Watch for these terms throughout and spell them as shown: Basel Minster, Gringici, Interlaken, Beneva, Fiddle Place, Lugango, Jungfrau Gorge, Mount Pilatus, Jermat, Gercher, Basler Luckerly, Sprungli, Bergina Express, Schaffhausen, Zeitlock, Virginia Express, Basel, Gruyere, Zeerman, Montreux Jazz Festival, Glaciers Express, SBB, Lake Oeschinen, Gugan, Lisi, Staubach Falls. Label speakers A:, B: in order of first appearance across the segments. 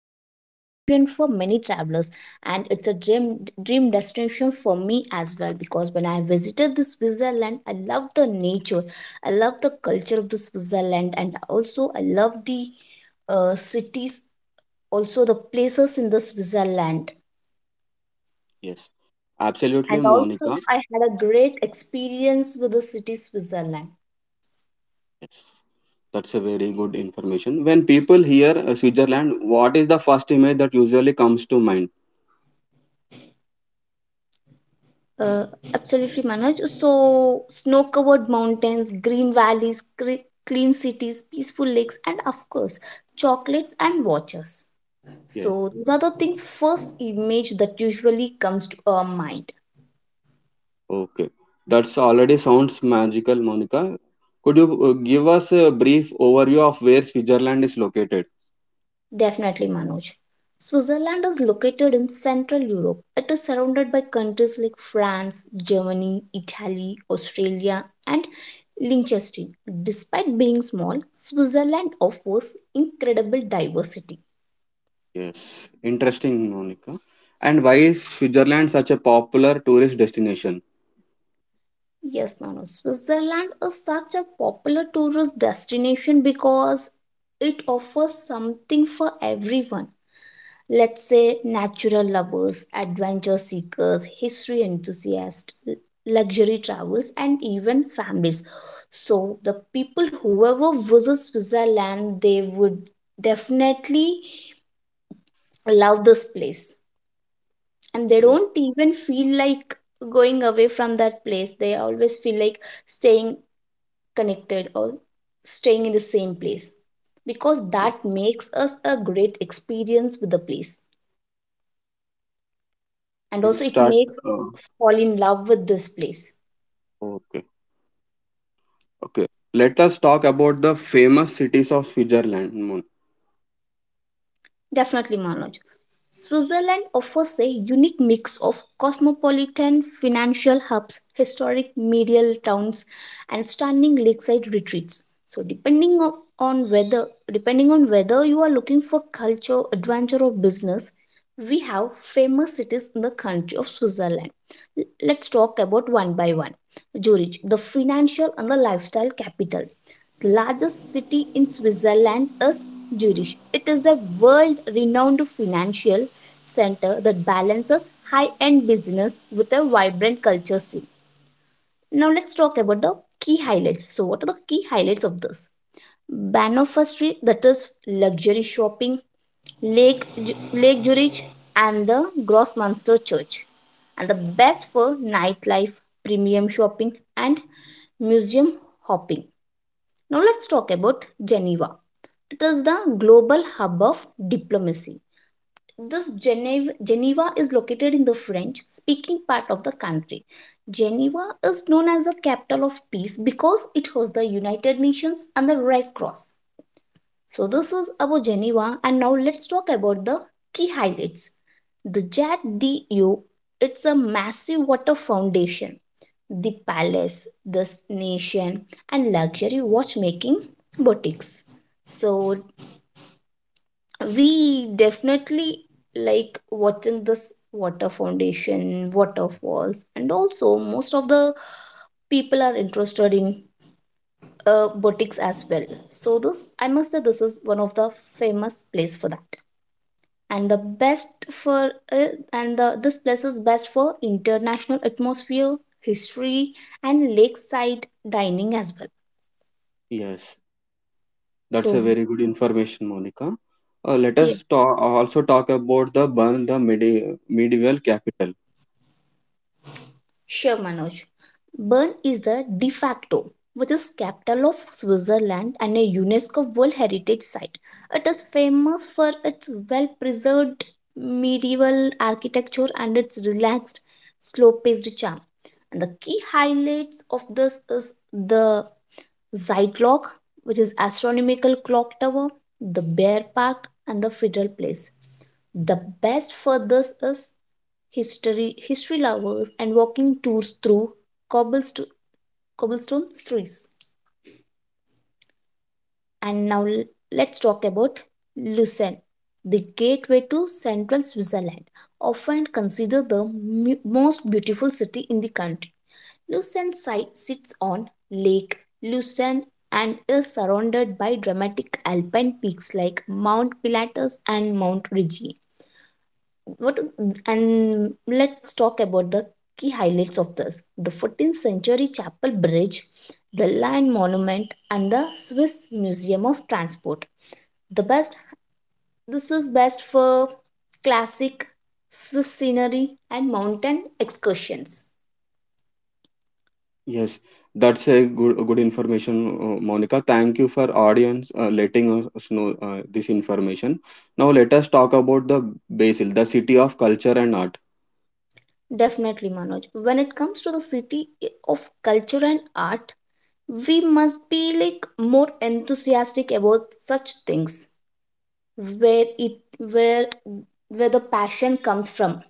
A: dream destination for many travelers, and it's a dream destination for me as well. Because when I visited the Switzerland, I love the nature, I love the culture of the Switzerland, and also I love the cities, also the places in the Switzerland,
B: Yes, absolutely,
A: and also
B: Monica.
A: I had a great experience with the city Switzerland.
B: That's a very good information. When people hear Switzerland, what is the first image that usually comes to mind?
A: uh, Absolutely, Manoj. So snow covered mountains, green valleys, clean cities, peaceful lakes, and of course chocolates and watches. So
B: Yes,
A: these are the things, first image that usually comes to our mind.
B: okay. That's already sounds magical, Monica. Could you give us a brief overview of where Switzerland is located?
A: Definitely, Manoj. Switzerland is located in central Europe. It is surrounded by countries like France, Germany, Italy, Australia, and Liechtenstein. Despite being small, Switzerland offers incredible diversity.
B: Yes, interesting, Monica. And why is Switzerland such a popular tourist destination?
A: Yes, Manu. Switzerland is such a popular tourist destination because it offers something for everyone. Let's say natural lovers, adventure seekers, history enthusiasts, luxury travels, and even families. So the people whoever visits Switzerland, they would definitely love this place. And they
B: Yeah,
A: don't even feel like going away from that place. They always feel like staying connected or staying in the same place, because that makes us a great experience with the place,
B: yes, that's a
A: and
B: great
A: also it
B: start.
A: makes fall in love with this place.
B: Okay, okay. Let us talk about the famous cities of Switzerland.
A: Definitely, Manoj. Switzerland offers a unique mix of cosmopolitan financial hubs, historic medieval towns, and stunning lakeside retreats. So, depending on whether you are looking for culture, adventure, or business, we have famous cities in the country of Switzerland. Let's talk about one by one. Zurich, the financial and the lifestyle capital. The largest city in Switzerland is Zurich. It is a world renowned financial center that balances high end business with a vibrant culture scene. Now let's talk about the key highlights. So what are the key highlights of this? Banoffer, that is luxury shopping, Lake, Lake Zurich and the Grossmünster Church, and the best for nightlife, premium shopping, and museum hopping. Now let's talk about Geneva. It is the global hub of diplomacy. This Geneva is located in the French speaking part of the country. Geneva is known as the capital of peace because it hosts the United Nations and the Red Cross. So this is about Geneva, and now let's talk about the key highlights. The Jad d'Eau, it's a massive water foundation, the palace, the nation, and luxury watchmaking boutiques. So we definitely like watching this water foundation, waterfalls, and also most of the people are interested in boutiques as well. So this, I must say, this is one of the famous place for that. And the best for this place is best for international atmosphere, history, and lakeside dining as well.
B: Yes, that's
A: So
B: a very good information, Monica.
A: yeah,
B: Also talk about the Bern, the medieval capital.
A: sure, Manoj. Bern is the de facto, which is capital of Switzerland and a UNESCO world heritage site. It is famous for its well preserved medieval architecture and its relaxed slow paced charm. And the key highlights of this is the Zeitlock, which is astronomical clock tower, the Bear Park, and the Fiddle Place. The best for this is history, history lovers, and walking tours through cobblestone, cobblestone streets. And now let's talk about Lucerne, the gateway to central Switzerland, often considered the most beautiful city in the country. Sits on Lake Lucerne and is surrounded by dramatic alpine peaks like Mount Pilatus and Mount Rigi. What, and let's talk about the key highlights of this: the 14th century chapel bridge, the Lion Monument, and the Swiss Museum of Transport. The best this is best for classic Swiss scenery and mountain excursions.
B: Yes, that's a good information, Monica. Thank you for audience letting us know this information. Now let us talk about the Basil, the city of culture and art.
A: Definitely, Manoj. When it comes to the city of culture and art, we must be like more enthusiastic about such things where it where the passion comes from.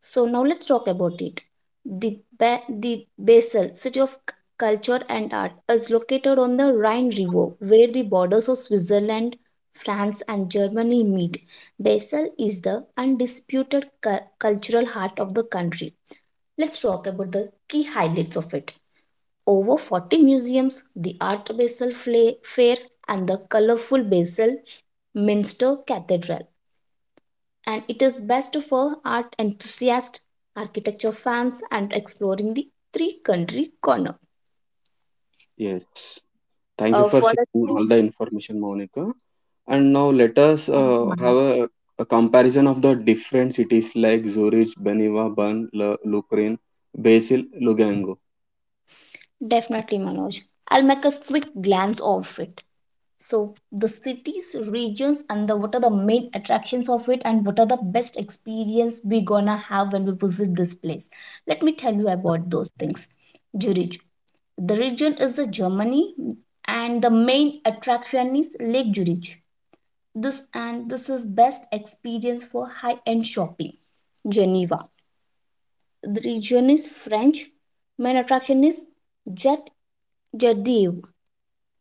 A: So now let's talk about it. The Basel, city of culture and art, is located on the Rhine River, where the borders of Switzerland, France, and Germany meet. Basel is the undisputed cultural heart of the country. Let's talk about the key highlights of it. Over 40 museums, the Art Basel Fair, and the colorful Basel Minster Cathedral. And it is best for art enthusiasts, architecture fans, and exploring the three country corner.
B: Yes, thank you
A: Uh,
B: for
A: for a-
B: sharing all the information, Monica. And now let us have a comparison of the different cities like Zurich, Beneva, Bern, Lucerne, Basel, Lugango.
A: Definitely, Manoj. I'll make a quick glance of it. So the cities, regions, and the what are the main attractions of it, and what are the best experience we gonna have when we visit this place? Let me tell you about those things. Zurich. The region is the Germany, and the main attraction is Lake Zurich. This is best experience for high-end shopping. Geneva. The region is French. Main attraction is Jet Jardieu.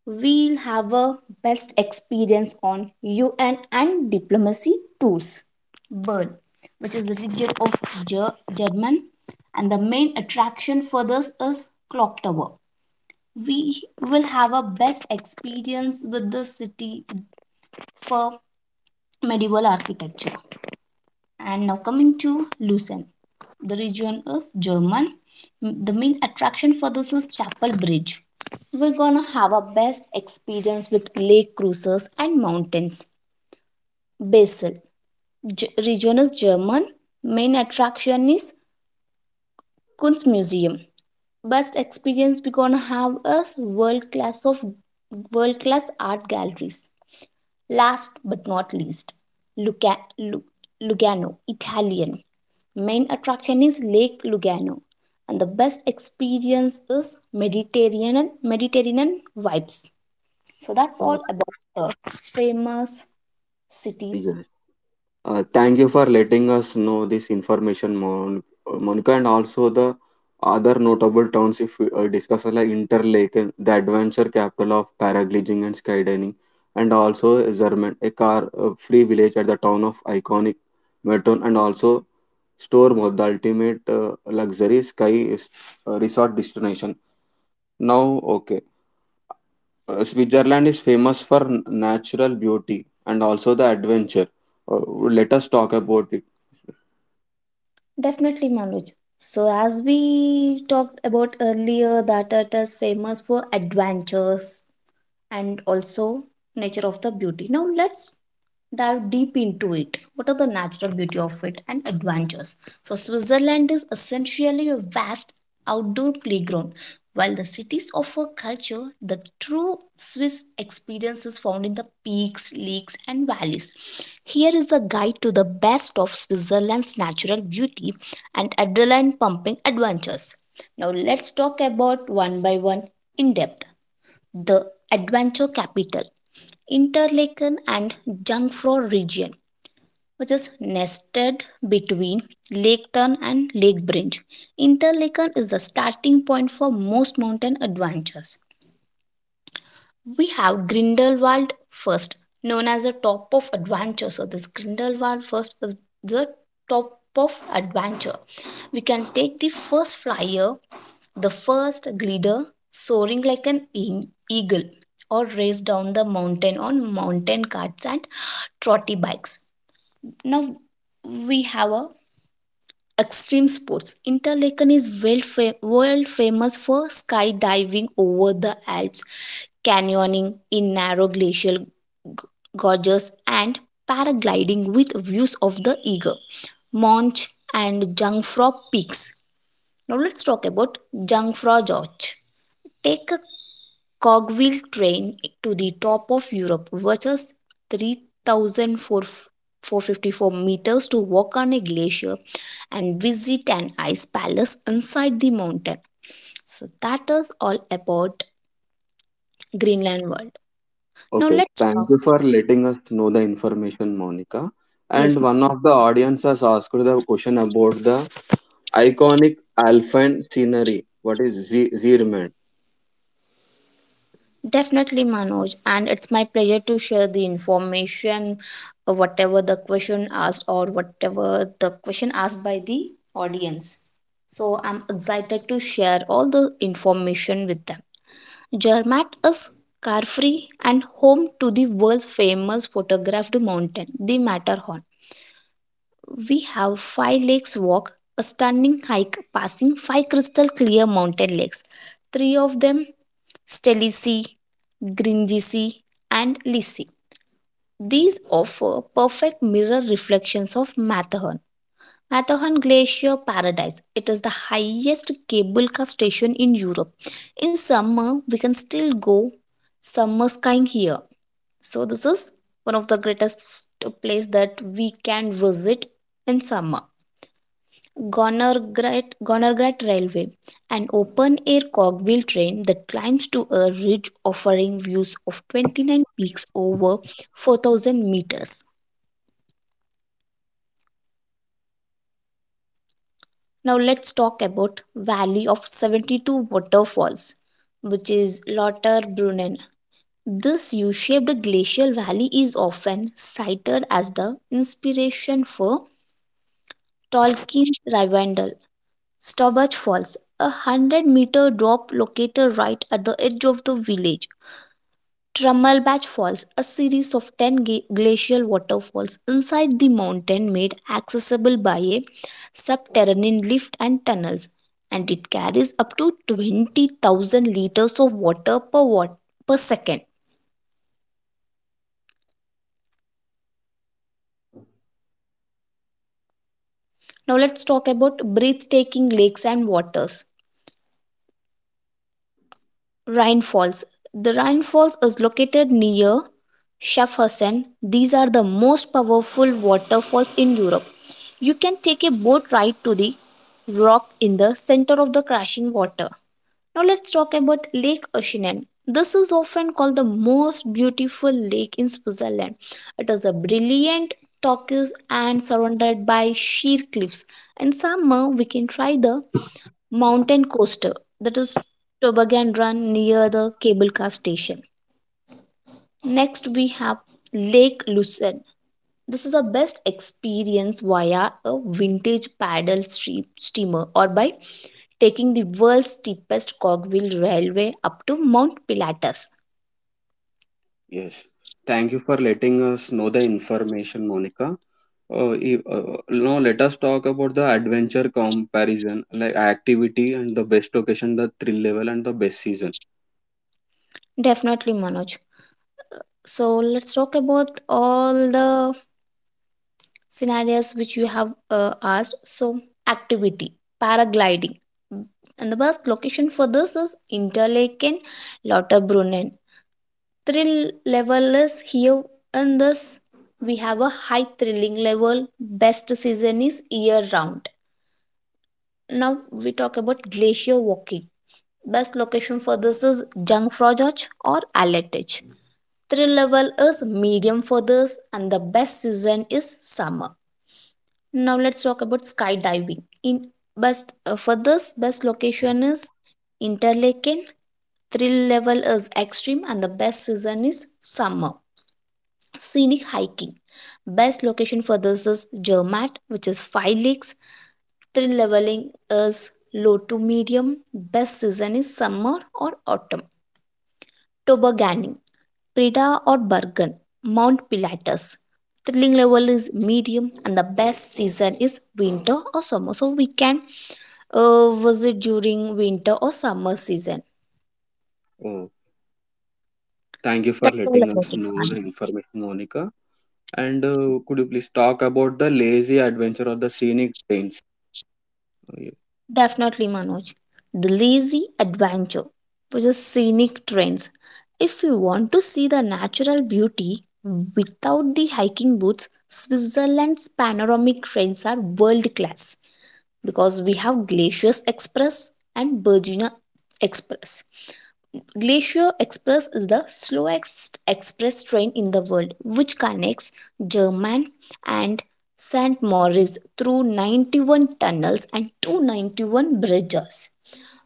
A: We'll have a best experience on UN and diplomacy tours. Bern, which is the region of German, and the main attraction for this is clock tower. We will have a best experience with the city for medieval architecture. And now coming to Lucerne, the region is German. The main attraction for this is Chapel Bridge. We're gonna have our best experience with lake cruises and mountains. Basel, region is German. Main attraction is Kunstmuseum. Best experience we're gonna have is world class art galleries. Last but not least, Luca- Lu- Lugano, Italian. Main attraction is Lake Lugano, and the best experience is Mediterranean vibes. So that's all about the famous cities.
B: Okay. Thank you for letting us know this information, Monica, and also the other notable towns if we discuss are like Interlaken, the adventure capital of paragliding and skydiving, and also Zermatt, a car-free village at the town of iconic Merton, and also Stormore, the ultimate luxury sky resort destination. Now, okay, Switzerland is famous for natural beauty and also the adventure. Uh, Let us talk about it.
A: Definitely, Manoj. So as we talked about earlier, that it is famous for adventures, and also nature of the beauty. Now let's dive deep into it. What are the natural beauty of it and adventures? So Switzerland is essentially a vast outdoor playground. While the cities offer culture, the true Swiss experience is found in the peaks, lakes, and valleys. Here is a guide to the best of Switzerland's natural beauty and adrenaline pumping adventures. Now let's talk about one by one in depth. The adventure capital, Interlaken and Jungfrau region, which is nested between Lake Thun and Lake Brinch. Interlaken is the starting point for most mountain adventures. We have Grindelwald first, known as the top of adventure. So this Grindelwald first is the top of adventure. We can take the first flyer, the first glider, soaring like an eagle, or race down the mountain on mountain carts and trotty bikes. Now we have a extreme sports. Interlaken is world famous for skydiving over the Alps, canyoning in narrow glacial gorges, and paragliding with views of the Eger, Monch, and Jungfrau peaks. Now let's talk about Jungfrau Gorge. Take a cogwheel train to the top of Europe versus three thousand four four fifty four meters to walk on a glacier and visit an ice palace inside the mountain. So that is all about Greenland World. Now
B: Okay,
A: let's
B: thank
A: talk.
B: you for letting us know the information, Monica.
A: Yes,
B: And
A: ma'am.
B: one of the audience has asked the question about the iconic alpine scenery. What is Zeerman?
A: Definitely, Manoj, and it's my pleasure to share the information, whatever the question asked by the audience. So I'm excited to share all the information with them. Zermatt is car-free and home to the world's famous photographed mountain, the Matterhorn. We have 5 lakes walk, a stunning hike passing 5 crystal clear mountain lakes. Three of them: Stelici, Gringici, and Lisi. These offer perfect mirror reflections of Matterhorn. Matterhorn Glacier Paradise. It is the highest cable car station in Europe. In summer, we can still go summer skiing here. So this is one of the greatest place that we can visit in summer. Gonorghat Railway, an open air cogwheel train that climbs to a ridge offering views of 29 peaks over 4,000 meters. Now, let's talk about Valley of 72 Waterfalls, which is Lauterbrunnen. This U shaped glacial valley is often cited as the inspiration for Tolkien's Rivendell. Staubach Falls, a 100-meter drop located right at the edge of the village. Trummelbach Falls, a series of 10 glacial waterfalls inside the mountain made accessible by a subterranean lift and tunnels, and it carries up to 20,000 liters of water per, wat- per second. Now, let's talk about breathtaking lakes and waters. Rhine Falls. The Rhine Falls is located near Schaffhausen. These are the most powerful waterfalls in Europe. You can take a boat ride to the rock in the center of the crashing water. Now let's talk about Lake Oeschinen. This is often called the most beautiful lake in Switzerland. It is a brilliant turquoise and surrounded by sheer cliffs. In summer, we can try the mountain coaster that is toboggan run near the cable car station. Next we have Lake Lucerne. This is the best experience via a vintage steamer or by taking the world's steepest cogwheel railway up to Mount Pilatus.
B: Yes. Thank you for letting us know the information, Monica. Uh, i- uh, Now let us talk about the adventure comparison, like activity and the best location, the thrill level, and the best season.
A: Definitely, Manoj. So let's talk about all the scenarios which you have asked. So, activity: paragliding. Mm, and the best location for this is Interlaken, Lauterbrunnen. Thrill level is here. In this we have a high thrilling level. Best season is year round. Now we talk about glacier walking. Best location for this is Jungfraujoch or Alletich. Thrill level is medium for this, and the best season is summer. Now let's talk about skydiving. In best, for this best location is Interlaken. Thrill level is extreme and the best season is summer. Scenic hiking. Best location for this is Jermat, which is 5 leagues. Thrill leveling is low to medium. Best season is summer or autumn. Tobogganing, Preda or Bergen, Mount Pilatus. Thrilling level is medium and the best season is winter or summer. So we can visit during winter or summer season.
B: Oh, thank you for
A: That's all
B: letting
A: about
B: us
A: it,
B: know the
A: Manu.
B: information, Monica. And could you please talk about the lazy adventure or the scenic trains? Y-
A: Definitely, Manoj. The lazy adventure, which is scenic trains. If you want to see the natural beauty without the hiking boots, Switzerland's panoramic trains are world class because we have Glaciers Express and Bergina Express. Glacier Express is the slowest express train in the world, which connects German and St. Moritz through 91 tunnels and 291 bridges.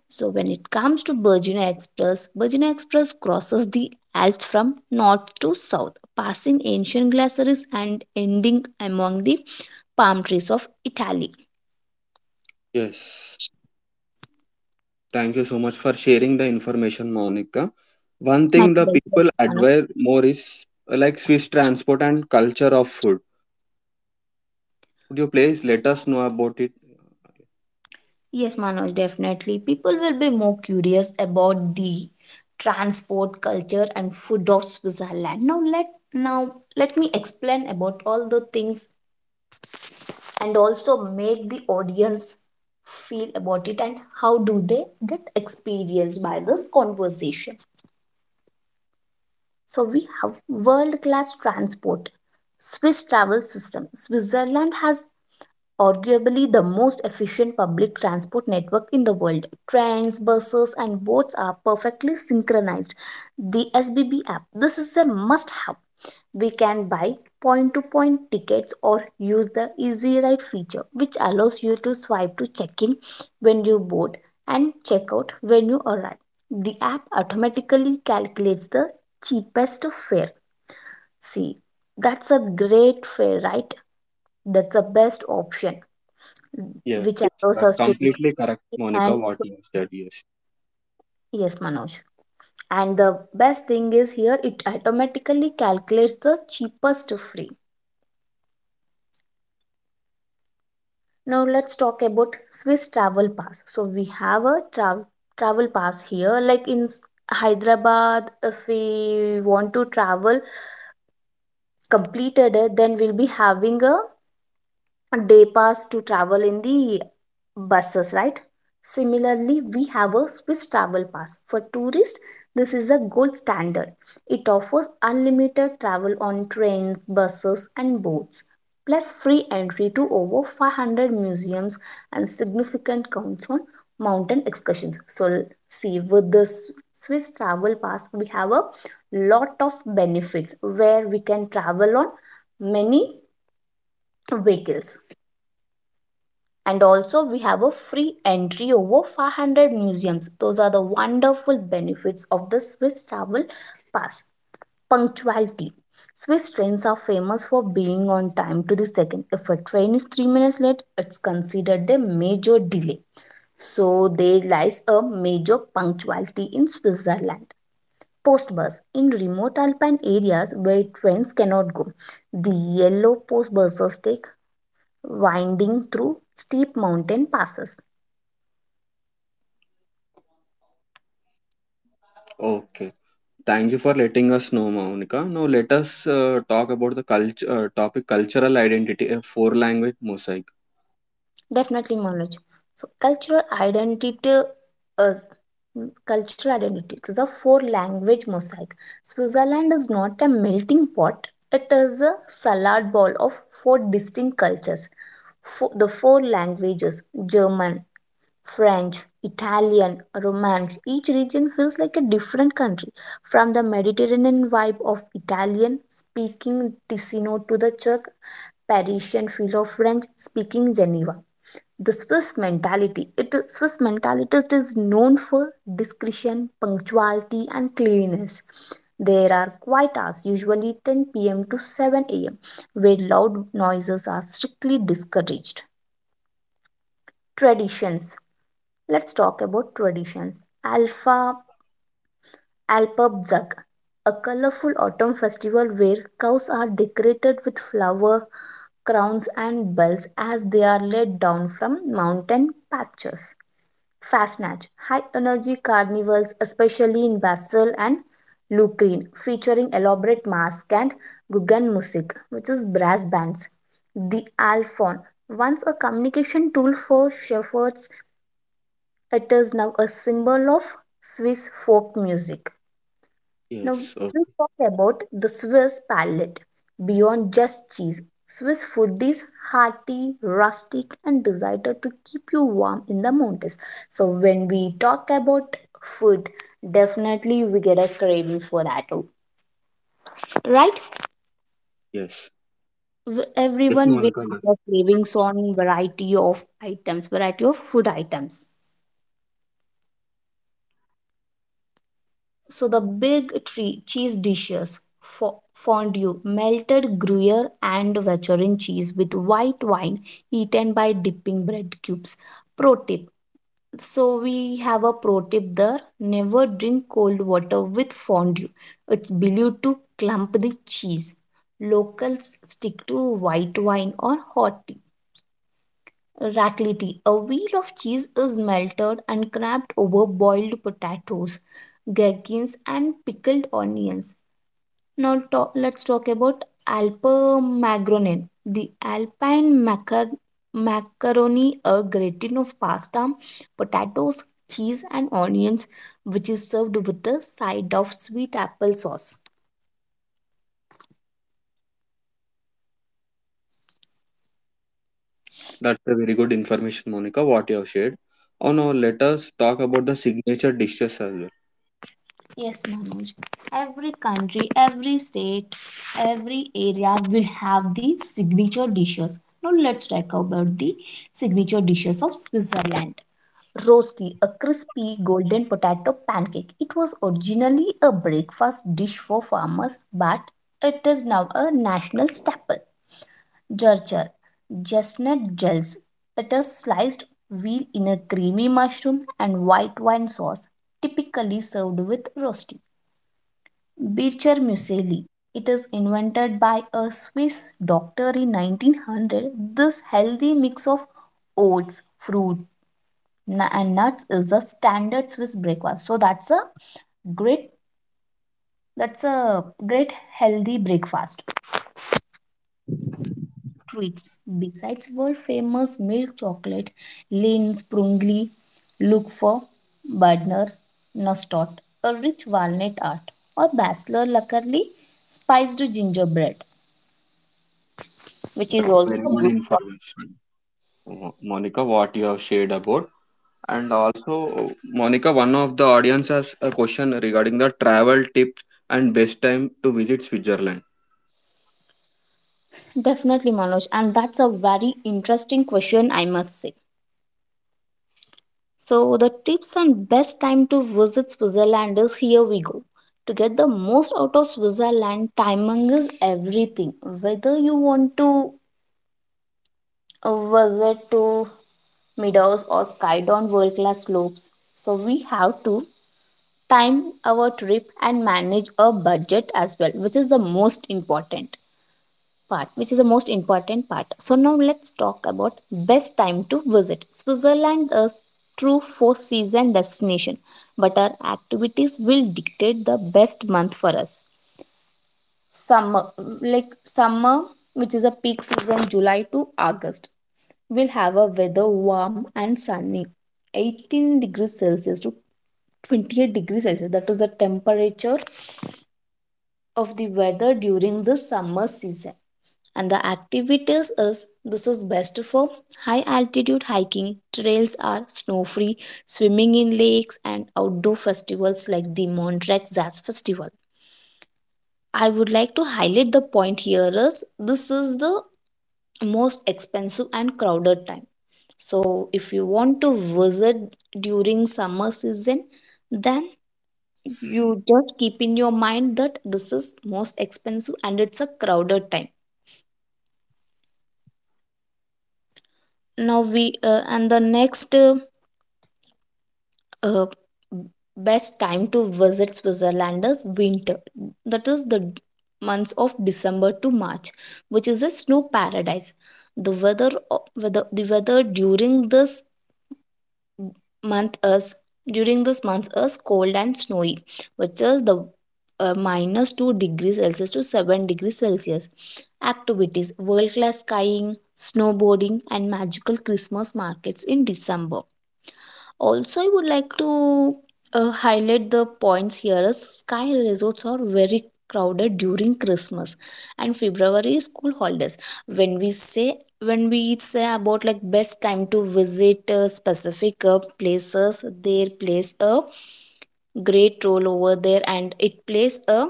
A: So, when it comes to Virginia Express, Virginia Express crosses the Alps from north to south, passing ancient glaciers and ending among the palm trees of Italy.
B: Yes. Thank you so much for sharing the information, Monica. One
A: My
B: thing the
A: pleasure.
B: people admire more is like Swiss transport and culture of food. Could you please let us know about it?
A: Yes, Manoj, definitely. People will be more curious about the transport culture and food of Switzerland. Now let me explain about all the things and also make the audience feel about it and how do they get experienced by this conversation. So we have world class transport. Swiss travel system. Switzerland has arguably the most efficient public transport network in the world. Trains, buses, and boats are perfectly synchronized. The SBB app. This is a must have. We can buy point to point tickets or use the Easy Ride feature, which allows you to swipe to check in when you board and check out when you arrive. The app automatically calculates the cheapest fare. See, that's a great fare, right? That's the best option. Mm,
B: Yes.
A: which allows
B: That's
A: us to
B: completely correct,
A: recreate.
B: Monica,
A: And
B: what you said. Yes.
A: yes, Manoj, and the best thing is here, it automatically calculates the cheapest free. Now let's talk about Swiss travel pass. So we have a travel pass here, like in Hyderabad. If we want to travel completed, then we'll be having a day pass to travel in the buses, right? Similarly, we have a Swiss travel pass. For tourists, this is a gold standard. It offers unlimited travel on trains, buses, and boats, plus free entry to over 500 museums and significant counts on mountain excursions. So, see, with the Swiss travel pass, we have a lot of benefits where we can travel on many vehicles, and also we have a free entry over 500 museums. Those are the wonderful benefits of the Swiss travel pass. Punctuality. Swiss trains are famous for being on time to the second. If a train is 3 minutes late, it's considered a major delay. So there lies a major punctuality in Switzerland. Post bus. In remote alpine areas where trains cannot go, the yellow post buses take winding through steep mountain passes.
B: Okay. Thank you for letting us know, Monica. Now let us talk about the culture topic cultural identity, a four language mosaic.
A: Definitely, Manoj. So, cultural identity, uh, cultural identity is a four language mosaic. Switzerland is not a melting pot, it is a salad bowl of four distinct cultures. The four languages: German, French, Italian, Romance. Each region feels like a different country, from the Mediterranean vibe of Italian speaking Ticino to the Czech Parisian feel of French speaking Geneva. The Swiss mentality. It Swiss mentality is known for discretion, punctuality, and cleanliness. There are quiet hours, usually 10 p.m. to 7 a.m., where loud noises are strictly discouraged. Traditions. Let's talk about traditions. Alpha Alpabzak, a colorful autumn festival where cows are decorated with flower crowns and bells as they are let down from mountain pastures. Fastnatch, high energy carnivals, especially in Basil and Lucrene, featuring elaborate masks and Gugan music, which is brass bands. The Alphorn, once a communication tool for shepherds, it is now a symbol of Swiss folk music. Now,
B: Yes.
A: we
B: Okay.
A: talk about the Swiss palate. Beyond just cheese, Swiss food is hearty, rustic, and desired to keep you warm in the mountains. So, when we talk about food, definitely we get a cravings for that, oh, right?
B: Yes. Yes,
A: Everyone will
B: Monica.
A: have a cravings on variety of items, variety of food items. So the big tree cheese dishes: fondue, melted Gruyere and Veteran cheese with white wine, eaten by dipping bread cubes. Pro tip. So we have a pro tip there. Never drink cold water with fondue. It's believed to clump the cheese. Locals stick to white wine or hot tea. Raclette. A wheel of cheese is melted and crapped over boiled potatoes, gherkins, and pickled onions. Now let's talk about Alpemagronen. The Alpine macaroni, a gratin of pasta, potatoes, cheese, and onions, which is served with a side of sweet apple sauce.
B: That's a very good information, Monica, what you have shared. Oh, now let us talk about the signature dishes as well.
A: Yes, Manoj. Every country, every state, every area will have the signature dishes. Now let's talk about the signature dishes of Switzerland. Rosti, a crispy golden potato pancake. It was originally a breakfast dish for farmers, but it is now a national staple. Gercher, chestnut gels. It is sliced veal in a creamy mushroom and white wine sauce, typically served with rosti. Bircher muesli. It is invented by a Swiss doctor in 1900. This healthy mix of oats, fruit, and nuts is the standard Swiss breakfast. So great that's a great healthy breakfast. Treats besides world famous milk chocolate, Lindt Sprungli. Look for Badner, Nostot, a rich walnut art, or Basler Luckerly spiced gingerbread, which is
B: That's a
A: also
B: very good
A: good for.
B: information, Monica, what you have shared about. And also, Monica, one of the audience has a question regarding the travel tips and best time to visit Switzerland.
A: Definitely, Manoj, and that's a very interesting question, I must say. So the tips and best time to visit Switzerland is here we go. To get the most out of Switzerland, timing is everything, whether you want to visit to meadows or skyd on world class slopes. So we have to time our trip and manage a budget as well, which is the most important part. So now let's talk about best time to visit Switzerland, is true four season destination, but our activities will dictate the best month for us. Summer, like summer, which is a peak season, July to August, will have a weather warm and sunny, 18 degrees Celsius to 28 degrees Celsius, that is the temperature of the weather during the summer season. And the activities is, this is best for high altitude hiking, trails are snow free, swimming in lakes, and outdoor festivals like the Montreux Jazz Festival. I would like to highlight the point here is this is the most expensive and crowded time. So if you want to visit during summer season, then you just keep in your mind that this is most expensive and it's a crowded time. Now we and the next uh, best time to visit Switzerland is winter, that is the months of December to March, which is a snow paradise. The weather during this month is cold and snowy, which is the minus 2 degrees Celsius to 7 degrees Celsius. Activities: world class skiing, snowboarding, and magical Christmas markets in December. Also, I would like to highlight the points here, as sky resorts are very crowded during Christmas and February school holidays. When we say about, like, best time to visit specific places, their place a great role over there, and it plays a,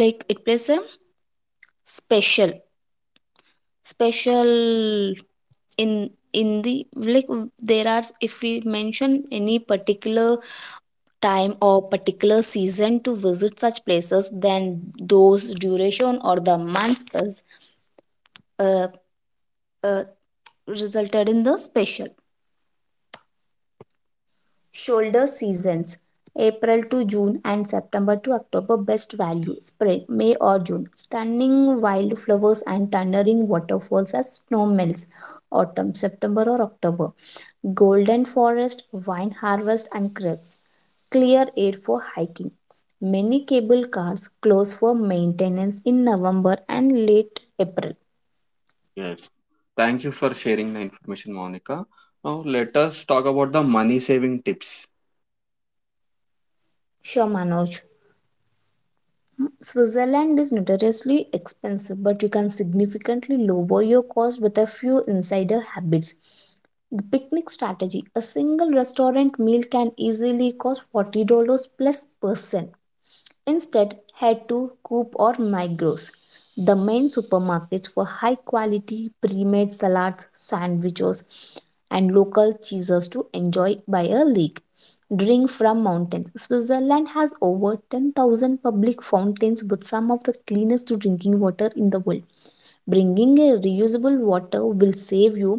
A: like it plays a special, special in the, like, there are, if we mention any particular time or particular season to visit such places, then those duration or the months is uh, uh, resulted in the special. Shoulder seasons April to June and September to October. Best value spring May or June. Stunning wildflowers and thundering waterfalls as snow melts. Autumn September or October. Golden forest, wine harvest, and crepes. Clear air for hiking. Many cable cars close for maintenance in November and late April.
B: Yes. Thank you for sharing the information, Monica. Now, let us talk about the money saving tips.
A: Sure, Manoj. Switzerland is notoriously expensive, but you can significantly lower your cost with a few insider habits. The picnic strategy, a single restaurant meal can easily cost $40 plus person. Instead, head to Coop or Migros, the main supermarkets for high quality pre made salads, sandwiches, and local cheeses to enjoy by a lake. Drink from mountains. Switzerland has over 10,000 public fountains with some of the cleanest drinking water in the world. Bringing a reusable water will save you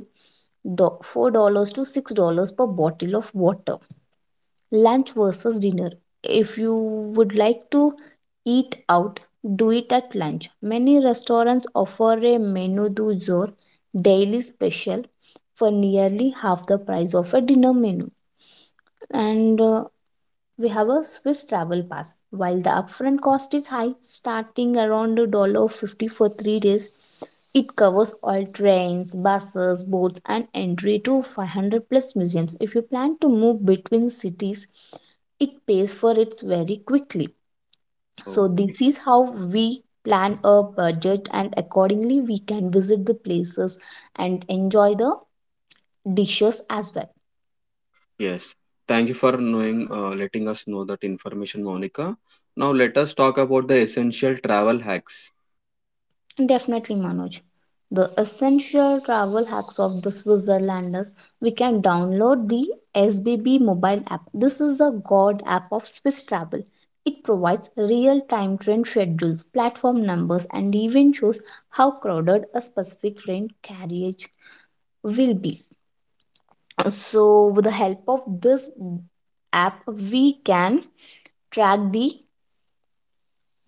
A: $4 to $6 per bottle of water. Lunch versus dinner. If you would like to eat out, do it at lunch. Many restaurants offer a menu du jour, daily special, for nearly half the price of a dinner menu. And we have a Swiss travel pass. While the upfront cost is high, starting around $1.50 for 3 days, it covers all trains, buses, boats, and entry to 500 plus museums. If you plan to move between cities, it pays for it very quickly.
B: So,
A: So, this is how we plan a budget, and accordingly, we can visit the places and enjoy the dishes as well.
B: yes. Thank you for knowing, letting us know that information, Monica. Now let us talk about the essential travel hacks.
A: Definitely, Manoj. The essential travel hacks of the Switzerlanders. We can download the SBB mobile app. This is a god app of Swiss travel. It provides real time train schedules, platform numbers, and even shows how crowded a specific train carriage will be. So, with the help of this app, we can track the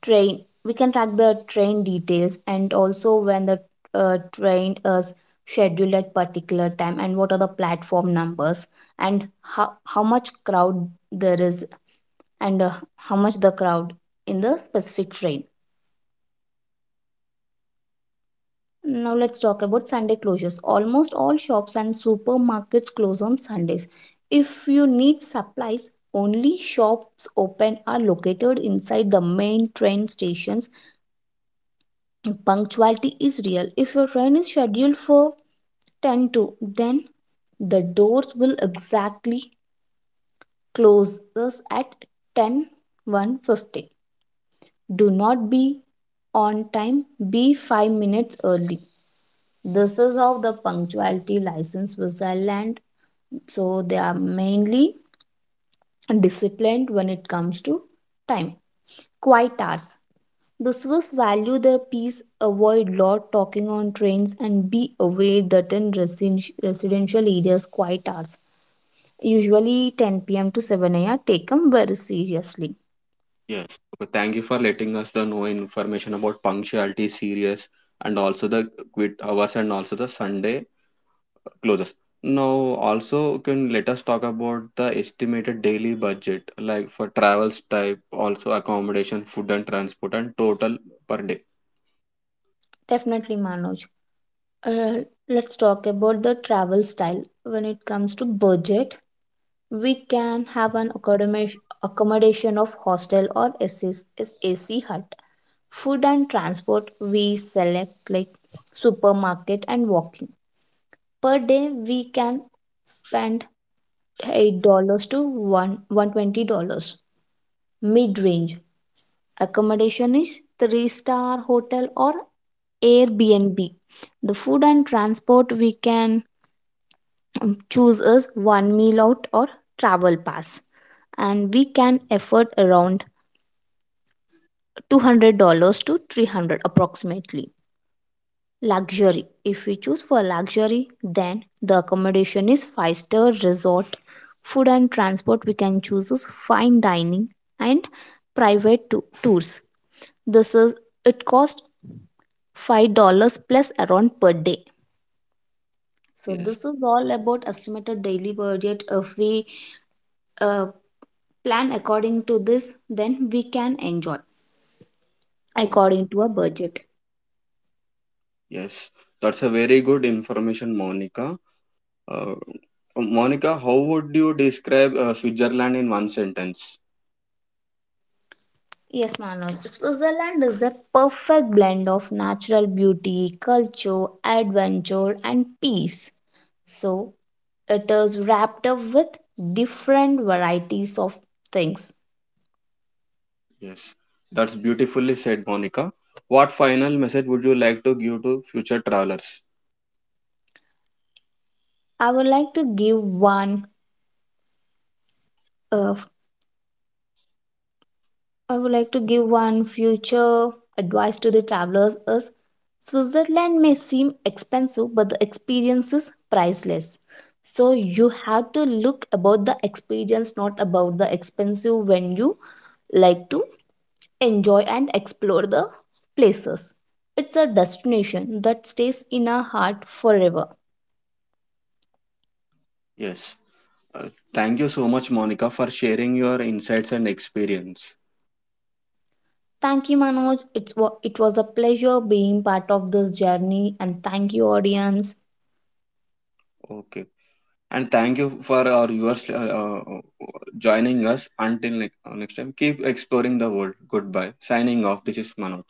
A: train we can track the train details and also when the train is scheduled at particular time, and what are the platform numbers, and how much crowd there is, and how much the crowd in the specific train. Now let's talk about Sunday closures. Almost all shops and supermarkets close on Sundays. If you need supplies, only shops open are located inside the main train stations. Punctuality is real. If your train is scheduled for 10 to, then the doors will exactly close us at ten one fifty. Do not be on time, be 5 minutes early. This is how the punctuality license Switzerland. So they are mainly disciplined when it comes to time. Quiet hours. The Swiss value their peace, avoid loud talking on trains, and be away certain residential areas quiet hours. Usually 10 p.m. to 7 a.m. taken very seriously.
B: Yes. Okay, thank you for letting us the know information about punctuality, serious, and also the quit hours and also the Sunday closes. Now also can let us talk about the estimated daily budget, like for travels type, also accommodation, food and transport, and total per day.
A: Definitely, Manoj. Uh, let's talk about the travel style. When it comes to budget, we can have an accommodation of hostel or SS AC hut. Food and transport, we select like supermarket and walking. Per day we can spend $8 to one $120. Mid range accommodation is 3-star hotel or Airbnb. The food and transport we can choose as one meal out or travel pass, and we can afford around $200 to 300 approximately. Luxury. If we choose for luxury, then the accommodation is five-star resort. Food and transport we can choose is fine dining and private tours. This is, it costs $5 plus around per day. So
B: Yes.
A: this is all about estimated daily budget. If we uh, plan according to this, then we can enjoy
B: Oh,
A: according to a budget.
B: yes. That's a very good information, Monica. Uh, Monica, how would you describe Switzerland in one sentence?
A: Yes, Manoj. Switzerland is a perfect blend of natural beauty, culture, adventure, and peace. So, it is wrapped up with different varieties of things.
B: Yes, that's beautifully said, Monica. What final message would you like to give to future travelers?
A: I would like to give one uh, I would like to give one future advice to the travelers is Switzerland may seem expensive, but the experience is priceless. So you have to look about the experience, not about the expensive when you like to enjoy and explore the places. It's a destination that stays in our heart forever.
B: Yes, uh, thank you so much, Monica, for sharing your insights and experience.
A: Thank you, Manoj. It was a pleasure being part of this journey, and thank you, audience.
B: Okay, and thank you for our viewers joining us. Until next time, keep exploring the world. Goodbye. Signing off. This is Manoj.